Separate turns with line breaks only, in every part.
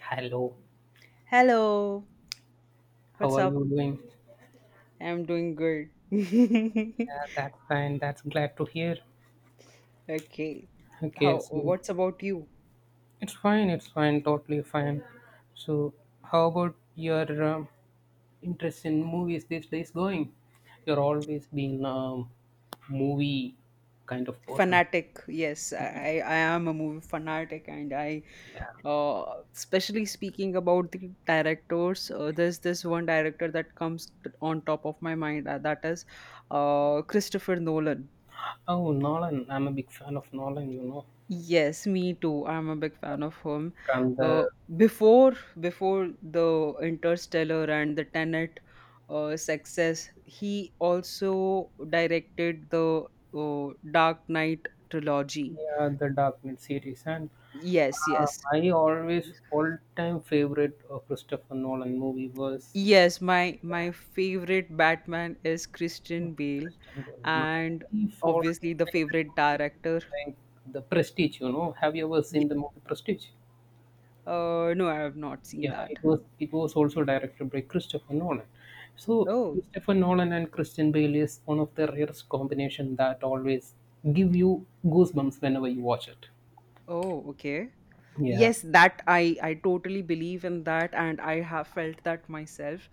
Hello,
Hello,
how
what's
are
up?
you doing?
I'm doing good.
Yeah, that's fine. That's glad to hear.
Okay.
Okay, so
What's about you?
it's fine. It's fine. Totally fine. So, how about your interest in movies these days going? You're always been movie kind of person.
Fanatic. Yes, I am a movie fanatic, and
Yeah.
uh, especially speaking about the directors, there's this one director that comes on top of my mind, that is, Christopher Nolan.
Oh, Nolan. I'm a big fan of Nolan. You know,
Yes, me too. I'm a big fan of him.
from the
Uh, before before the Interstellar and the Tenet success, he also directed the Dark Knight trilogy.
yeah the Dark Knight series, and
Yes, yes.
my always all time favorite Christopher Nolan movie was
Yes, my favorite Batman is Christian Bale,
Interesting. My
and
fourth
obviously the
favorite
favorite
movie
director.
is like The Prestige, you know. Have you ever
Ye-
seen the movie Prestige?
no, I have not seen
Yeah,
that.
it was also directed by Christopher Nolan. So
Oh,
Christopher Nolan and Christian Bale is one of the rarest combination that always give you goosebumps whenever you watch it.
oh, okay.
Yeah.
Yes, that I totally believe in that, and I have felt that myself.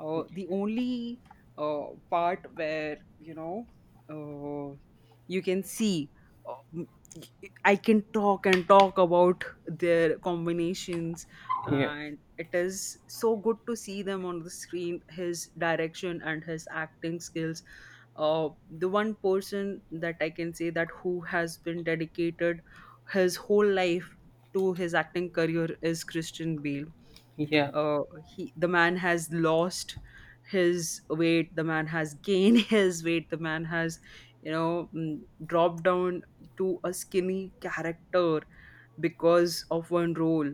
The only part where uh, you can see, uh, m- I can talk and talk about their combinations.
Yeah.
And it is so good to see them on the screen, his direction and his acting skills. The one person that I can say that who has been dedicated his whole life to his acting career is Christian Bale.
Yeah.
Uh, he The man has lost his weight. The man has gained his weight. The man has dropped down to a skinny character because of one role.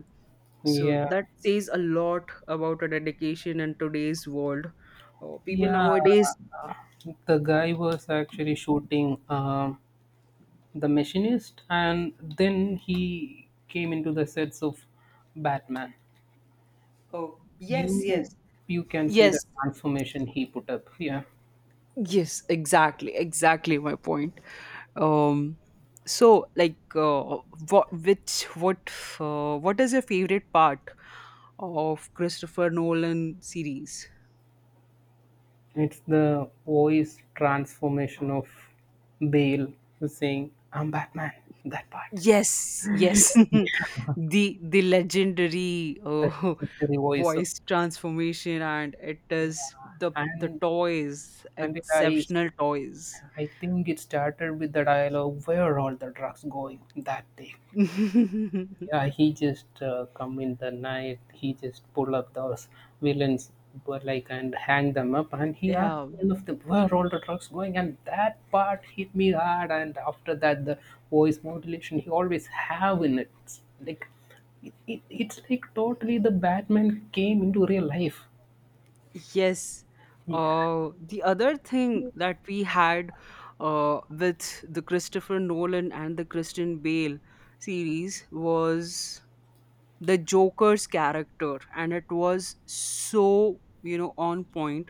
So
Yeah.
that says a lot about a dedication in today's world. People
Yeah.
nowadays.
The guy was actually shooting The Machinist, and then he came into the sets of Batman.
Oh, yes,
You
yes,
you can see the
yes.
transformation he put up. Yeah,
Yes, exactly, exactly my point. Um, so, like, what, which, what, what is your favorite part of Christopher Nolan series?
it's the voice transformation of Bale who's saying, "I'm Batman." That part,
Yes, yes, the legendary
that legendary voice of,
voice transformation, and it is the
and
toys,
and it, I
exceptional toys.
I think it started with the dialogue, "Where are all the drugs going?" That thing. Yeah, he just come in the night. He just pull up those villains, but like and hang them up. And he asked
Yeah,
all of them where all the drugs going. And that part hit me hard. And after that, the voice modulation he always have in it. It's like it's like totally the Batman came into real life.
yes.
Yeah.
The other thing that we had with the Christopher Nolan and the Christian Bale series was the Joker's character, and it was so, on point.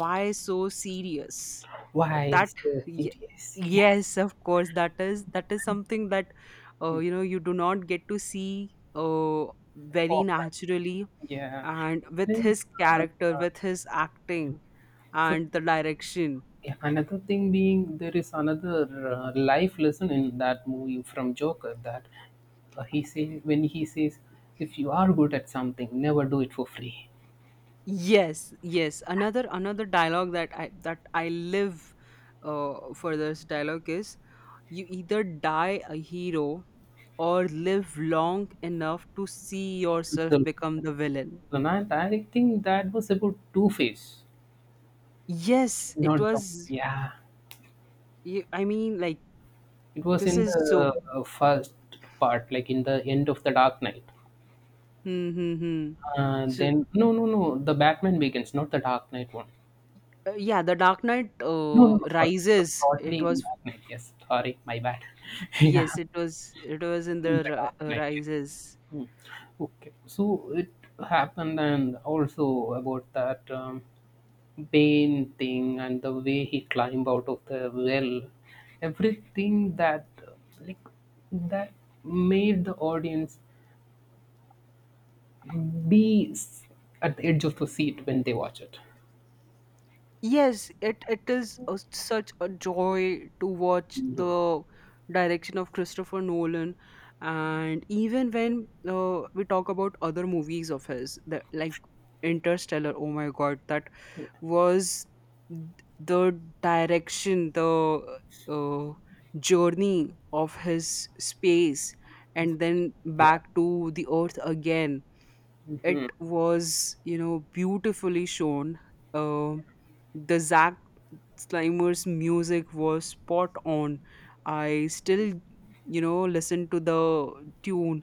Why so serious? Uh,
Why
That,
so
y-
serious?
yes, of course, that is something that
Yeah.
you do not get to see very
Oh,
naturally,
yeah.
and with
It's like,
his
uh,
character, with his acting,
so
and the direction.
Yeah, another thing being there is another life lesson in that movie from Joker that he say when he says if you are good at something never do it for free
Yes, yes, another dialogue that I live for. This dialogue is, you either die a hero or live long enough to see
see
yourself
yourself
become the villain.
and I think that was about Two Face
Yes, it
not Joker
was.
yeah
I mean, like,
it was
this
in
is
the
so.
first part like in the end of the Dark Knight
Hmm, hmm, hmm. so
then no, no, no, the Batman Begins not the Dark Knight one
uh, yeah, the Dark Knight
no no no sorry it was
rises, it
totally in
was.
Dark Knight yes sorry my bad yeah
Yes, it was in
in the
the
dark night yes
rises.
Hmm. Okay, so it happened, and also about that Bane thing and the way he climbed out of the well, everything that like that made the audience be s- at the edge of the seat when they watch it.
Yes, it is, such a joy to watch
Yeah,
the direction of Christopher Nolan, and even when we talk about other movies of his, like Interstellar. Oh my God, that was th- the direction, the uh, journey of his space, and then
yeah, yeah,
back to the Earth again. It was, beautifully shown. Um the zack slimer's music was spot on. I still, listen to the tune,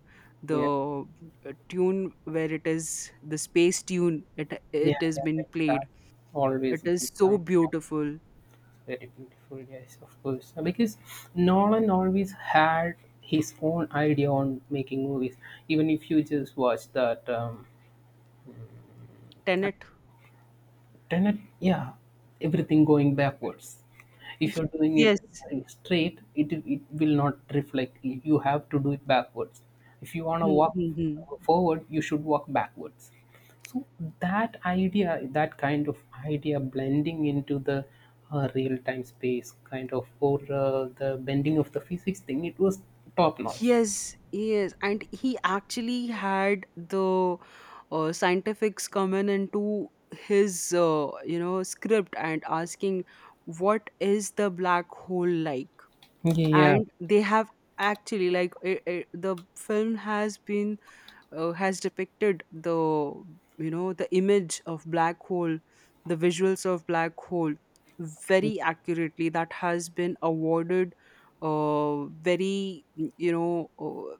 the
yeah,
tune where it is the space tune. it
yeah,
it has
yeah,
been
like that
played.
always.
It is
Good.
so beautiful.
Very beautiful, yes, of course. Because Nolan always had his own idea on making movies. Even if you just watch that
Tenet,
tenet yeah everything going backwards if
yes,
you're doing it
yes.
straight it will not reflect you have to do it backwards if you want to
Hmm,
walk
hmm, hmm.
forward you should walk backwards so that idea that kind of idea blending into the real time space kind of or the bending of the physics thing it was top notch
Yes, yes, and he actually had the scientifics come into his script, and asking, what is the black hole like?
yeah
And they have, actually, like, the film has been, has depicted the you know the image of black hole, the visuals of black hole very accurately. That has been awarded, very,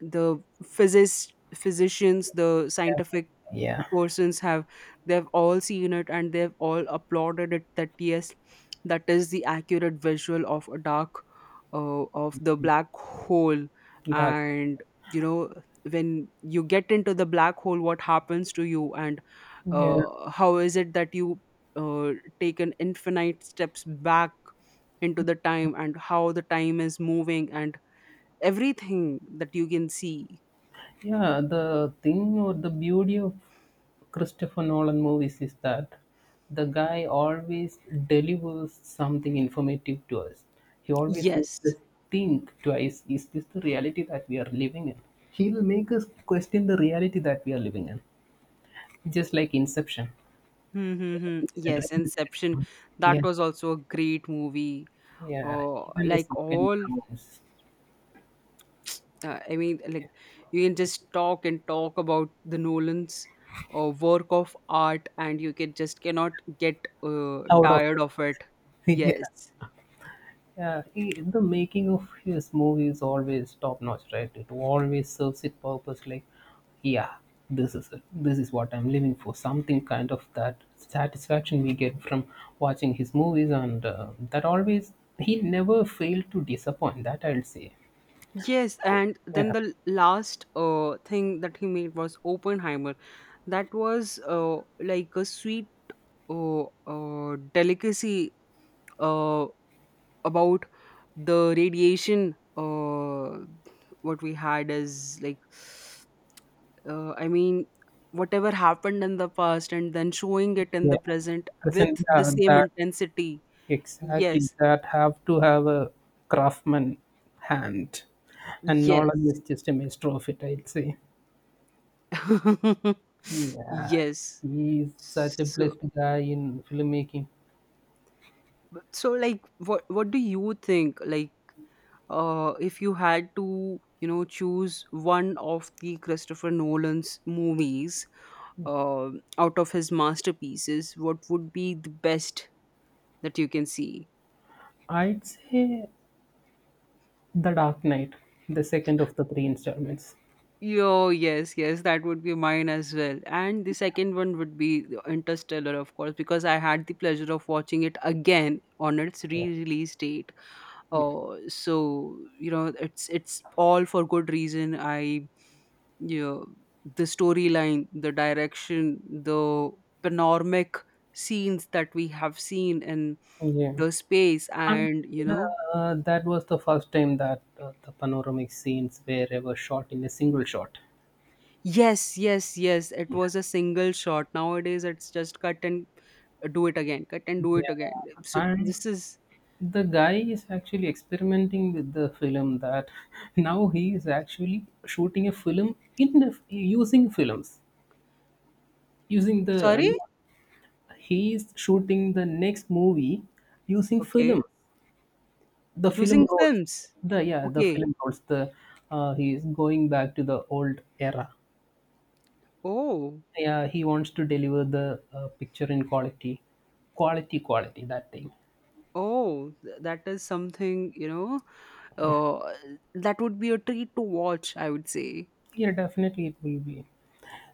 the physicists, physicians, the
yeah
scientific
yeah
persons have, they've all seen it, and they've all applauded it, that yes, that is the accurate visual of a dark of the black hole.
that
And you know when you get into the black hole, what happens to you? And
yeah.
how is it that you uh, take an infinite steps back into the time, and how the time is moving, and everything that you can see.
Yeah, the thing or the beauty of Christopher Nolan movies is that the guy always delivers something informative to us. He always makes
Yes.
us think twice is this the reality that we are living in? He will make us question the reality that we are living in, just like Inception.
Hmm, hmm,
Dream
hmm.
within a dream
Yes,
within a
Inception.
dream. Yeah,
That was also a great movie.
yeah,
Oh,
even a second counts
I mean, like, you can just talk and talk about the Nolan's work of art, and you can just cannot get
out of.
tired of it.
Yeah.
Yes.
Yeah, he, the making of his movie is always top notch, right? It always serves its purpose. Like, yeah, this is it. This is what I'm living for. Something kind of that satisfaction we get from watching his movies, and that always he never failed to disappoint. That I'll say.
Yes,
Oh,
and then
yeah,
the last thing that he made was Oppenheimer. That was like a sweet delicacy uh, about the radiation. What we had is like, I mean, whatever happened in the past, and then showing it in the
yeah.
present with
Present,
the
yeah,
same
that
intensity.
exactly
Yes,
that have to have a craftsman hand, and
yes.
Nolan is just a master of it. I'd say. Yeah,
Yes.
he is such a
so
blessed guy in filmmaking.
so like, what do you think? Like, if you had to, choose one of the Christopher Nolan's movies, uh, out of his masterpieces, what would be the best that you can see?
I'd say The Dark Knight, the second of the three installments.
Yo, yes, yes, that would be mine as well. And the second one would be the Interstellar, of course, because I had the pleasure of watching it again on its
Yeah.
re-release date.
Yeah.
So, it's all for good reason. You know, the storyline, the direction, the panoramic scenes that we have seen in
Yeah.
the space,
And
and
that was the first time that the panoramic scenes were ever shot in a single shot.
yes, yes, yes. It
Yeah.
was a single shot. Nowadays, it's just cut and do it again, cut and do it again.
Yeah.
So
And
this is.
the guy is actually experimenting with the film that now he is actually shooting a film in the, using films using the
Sorry.
He is shooting the next movie using
Okay,
film, the film
using
rolls.
films.
The yeah, the
Okay.
film rolls. The he is going back to the old era.
Oh,
Yeah, he wants to deliver the picture in quality, quality, quality. That thing.
oh, that is something. Uh, that would be a treat to watch, I would say.
Yeah, definitely it will be.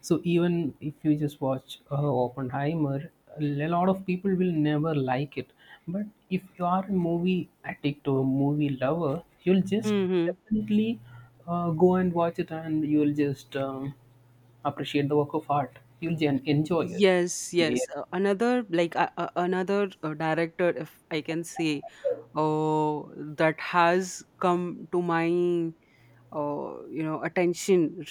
So even if you just watch Oppenheimer, a lot of people will never like it. But if you are a movie addict or movie lover, you'll just
Mm-hmm.
definitely go and watch it, and you'll just appreciate the work of art. You'll enjoy it.
Yes, yes. Another, like, another director, if I can say, oh, that has come to my attention,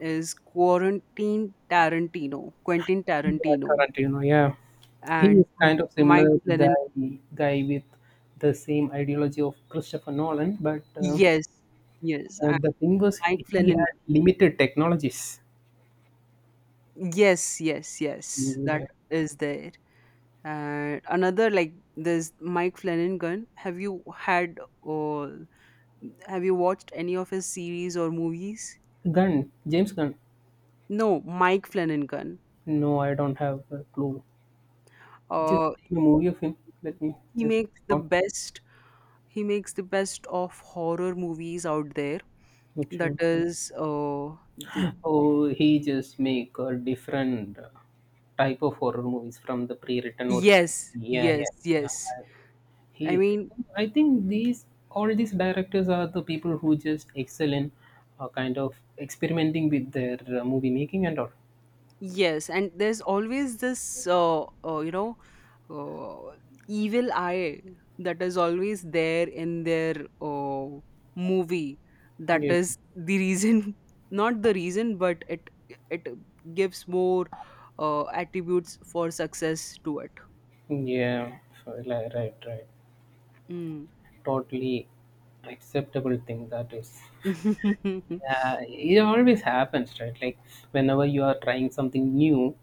is quarantine Tarantino, Quentin
Yeah,
Tarantino,
Tarantino. Yeah, he
and
is kind of
Mike
similar
Flanagan.
guy with the same ideology of Christopher Nolan, but
Yes, yes, and
The thing was
Mike
he
Flanagan.
had limited technologies.
Yes, yes, yes. That
Yeah.
is there. And another, like this Mike Flanagan. Or have you watched any of his series or movies?
Gunn, James Gunn.
No, Mike Flanagan.
No, I don't have a clue. Just
Uh,
name a movie of him. Let me
he
just
makes the
count.
best. He makes the best of horror movies out there. That
Okay.
is, oh, the,
Oh, he just make a different type of horror movies from the pre-written or pre-
Yes,
yeah,
yes,
yeah, yeah.
yes.
He,
I mean,
I think these all these directors are the people who just excel in kind of experimenting with their movie making and all.
yes, and there's always this, uh, you know, uh, evil eye that is always there in their movie. That
Yeah.
is the reason, not the reason, but it gives more attributes for success to it.
Yeah, right, right.
Mm.
Totally acceptable thing that is. Yeah, it always happens, right? Like whenever you are trying something new,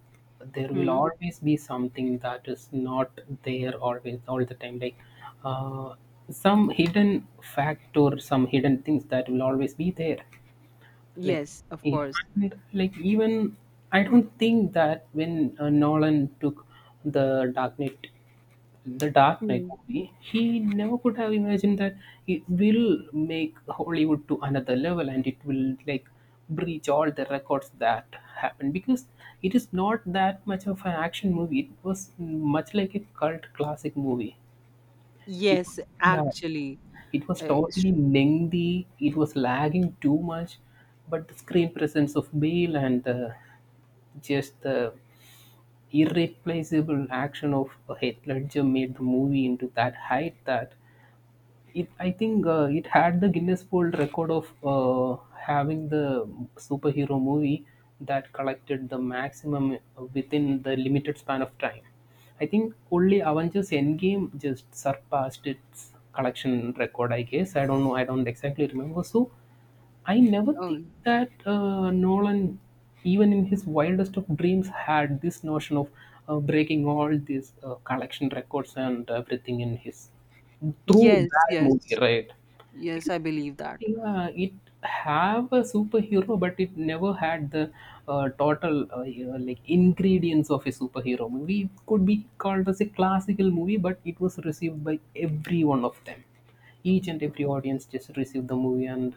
there will
Hmm.
always be something that is not there always all the time. Like uh, some hidden fact or some hidden things that will always be there. Like
Yes, of
yeah,
course.
and, like even I don't think that when Nolan took the Dark Knight The Dark Knight
Mm.
movie, he never could have imagined that it will make Hollywood to another level and it will like breach all the records that happened because it is not that much of an action movie. It was much like a cult classic movie. It,
Yes,
yeah,
actually.
it was
Uh, s-
totally lengthy. It was lagging too much, but the screen presence of Bale and the, just the irreplaceable action of Heath Ledger made the movie into that height that it I think it had the Guinness World Record of uh, having the superhero movie that collected the maximum within the limited span of time. I think only Avengers Endgame just surpassed its collection record. I guess, I don't know, I don't exactly remember, so I never
oh,
think that Nolan, even in his wildest of dreams, had this notion of breaking all these collection records and everything in his through
yes,
that movie,
yes,
right?
yes. I believe that.
Yeah, it have a superhero, but it never had the total you know, like ingredients of a superhero movie. It could be called as a classical movie, but it was received by every one of them. Each and every audience just received the movie, and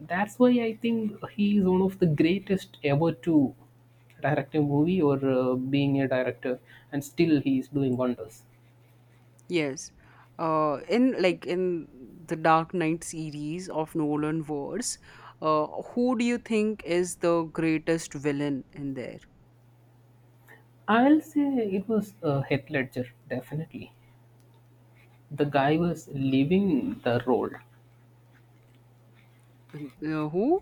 that's why I think he is one of the greatest ever to direct a movie or being a director, and still he is doing wonders.
Yes. In the Dark Knight series of Nolan verse, uh, who do you think is the greatest villain in there?
I'll say it was Heath Ledger, definitely. The guy was leaving the role.
Who?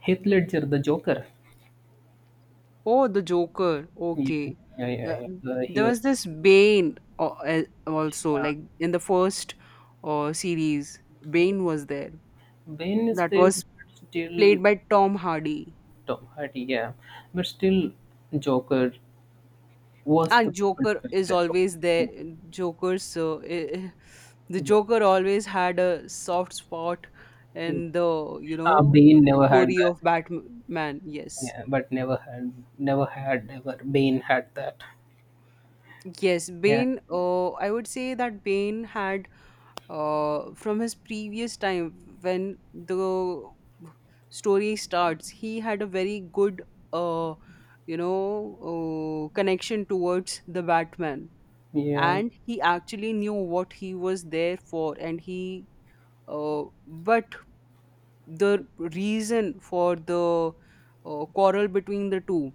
Heath Ledger, the Joker.
Oh, the Joker.
Yeah,
Okay.
yeah,
Uh,
yeah. Yeah. He
there
was.
was this Bane, also, like in the first series. Bane was there.
Bane is
That
there,
was
but still
played by Tom Hardy.
Tom Hardy. Yeah, but still Joker was
And
the people's
Joker is
favorite.
always
Yeah,
there. Joker, the
yeah.
Joker always had a soft spot
Yeah.
in the
Bane never had
story
that.
of Batman. Yes,
Yeah, but never had, never had, never. Bane had that.
yes.
Yeah,
Bane. I would say that Bane had, from his previous time, when the story starts, he had a very good, uh you know connection towards the Batman.
yeah,
And he actually knew what he was there for. And he but the reason for the quarrel between the two,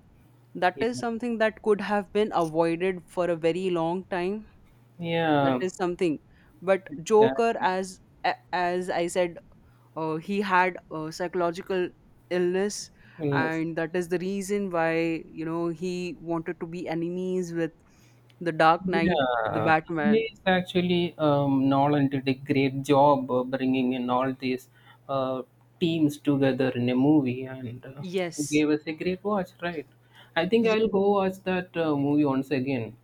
that
yeah.
is something that could have been avoided for a very long time. That
Yeah,
is something. But Joker,
exactly.
as as I said, he had a psychological illness,
Yes.
and that is the reason why, he wanted to be enemies with the Dark Knight, the
Yeah,
Batman.
he actually Nolan did a great job bringing in all these uh, teams together in a movie and
Yes.
gave us a great watch, right? I think
Y-
I'll go watch that movie once again.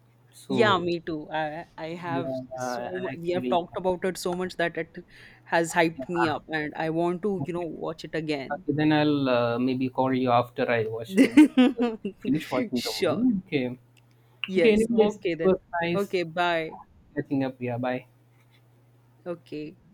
Yeah,
So,
me too. I have,
yeah,
we have
actually,
talked about it so much that it has hyped me
yeah,
up, and I want to,
okay.
watch it again.
Okay, then I'll maybe call you after I watch finish uh, finish watching the
Sure.
movie. Okay, okay.
Yes.
Anyways,
Okay
it was
then.
nice
Okay, bye.
catching up. Yeah, bye.
Okay.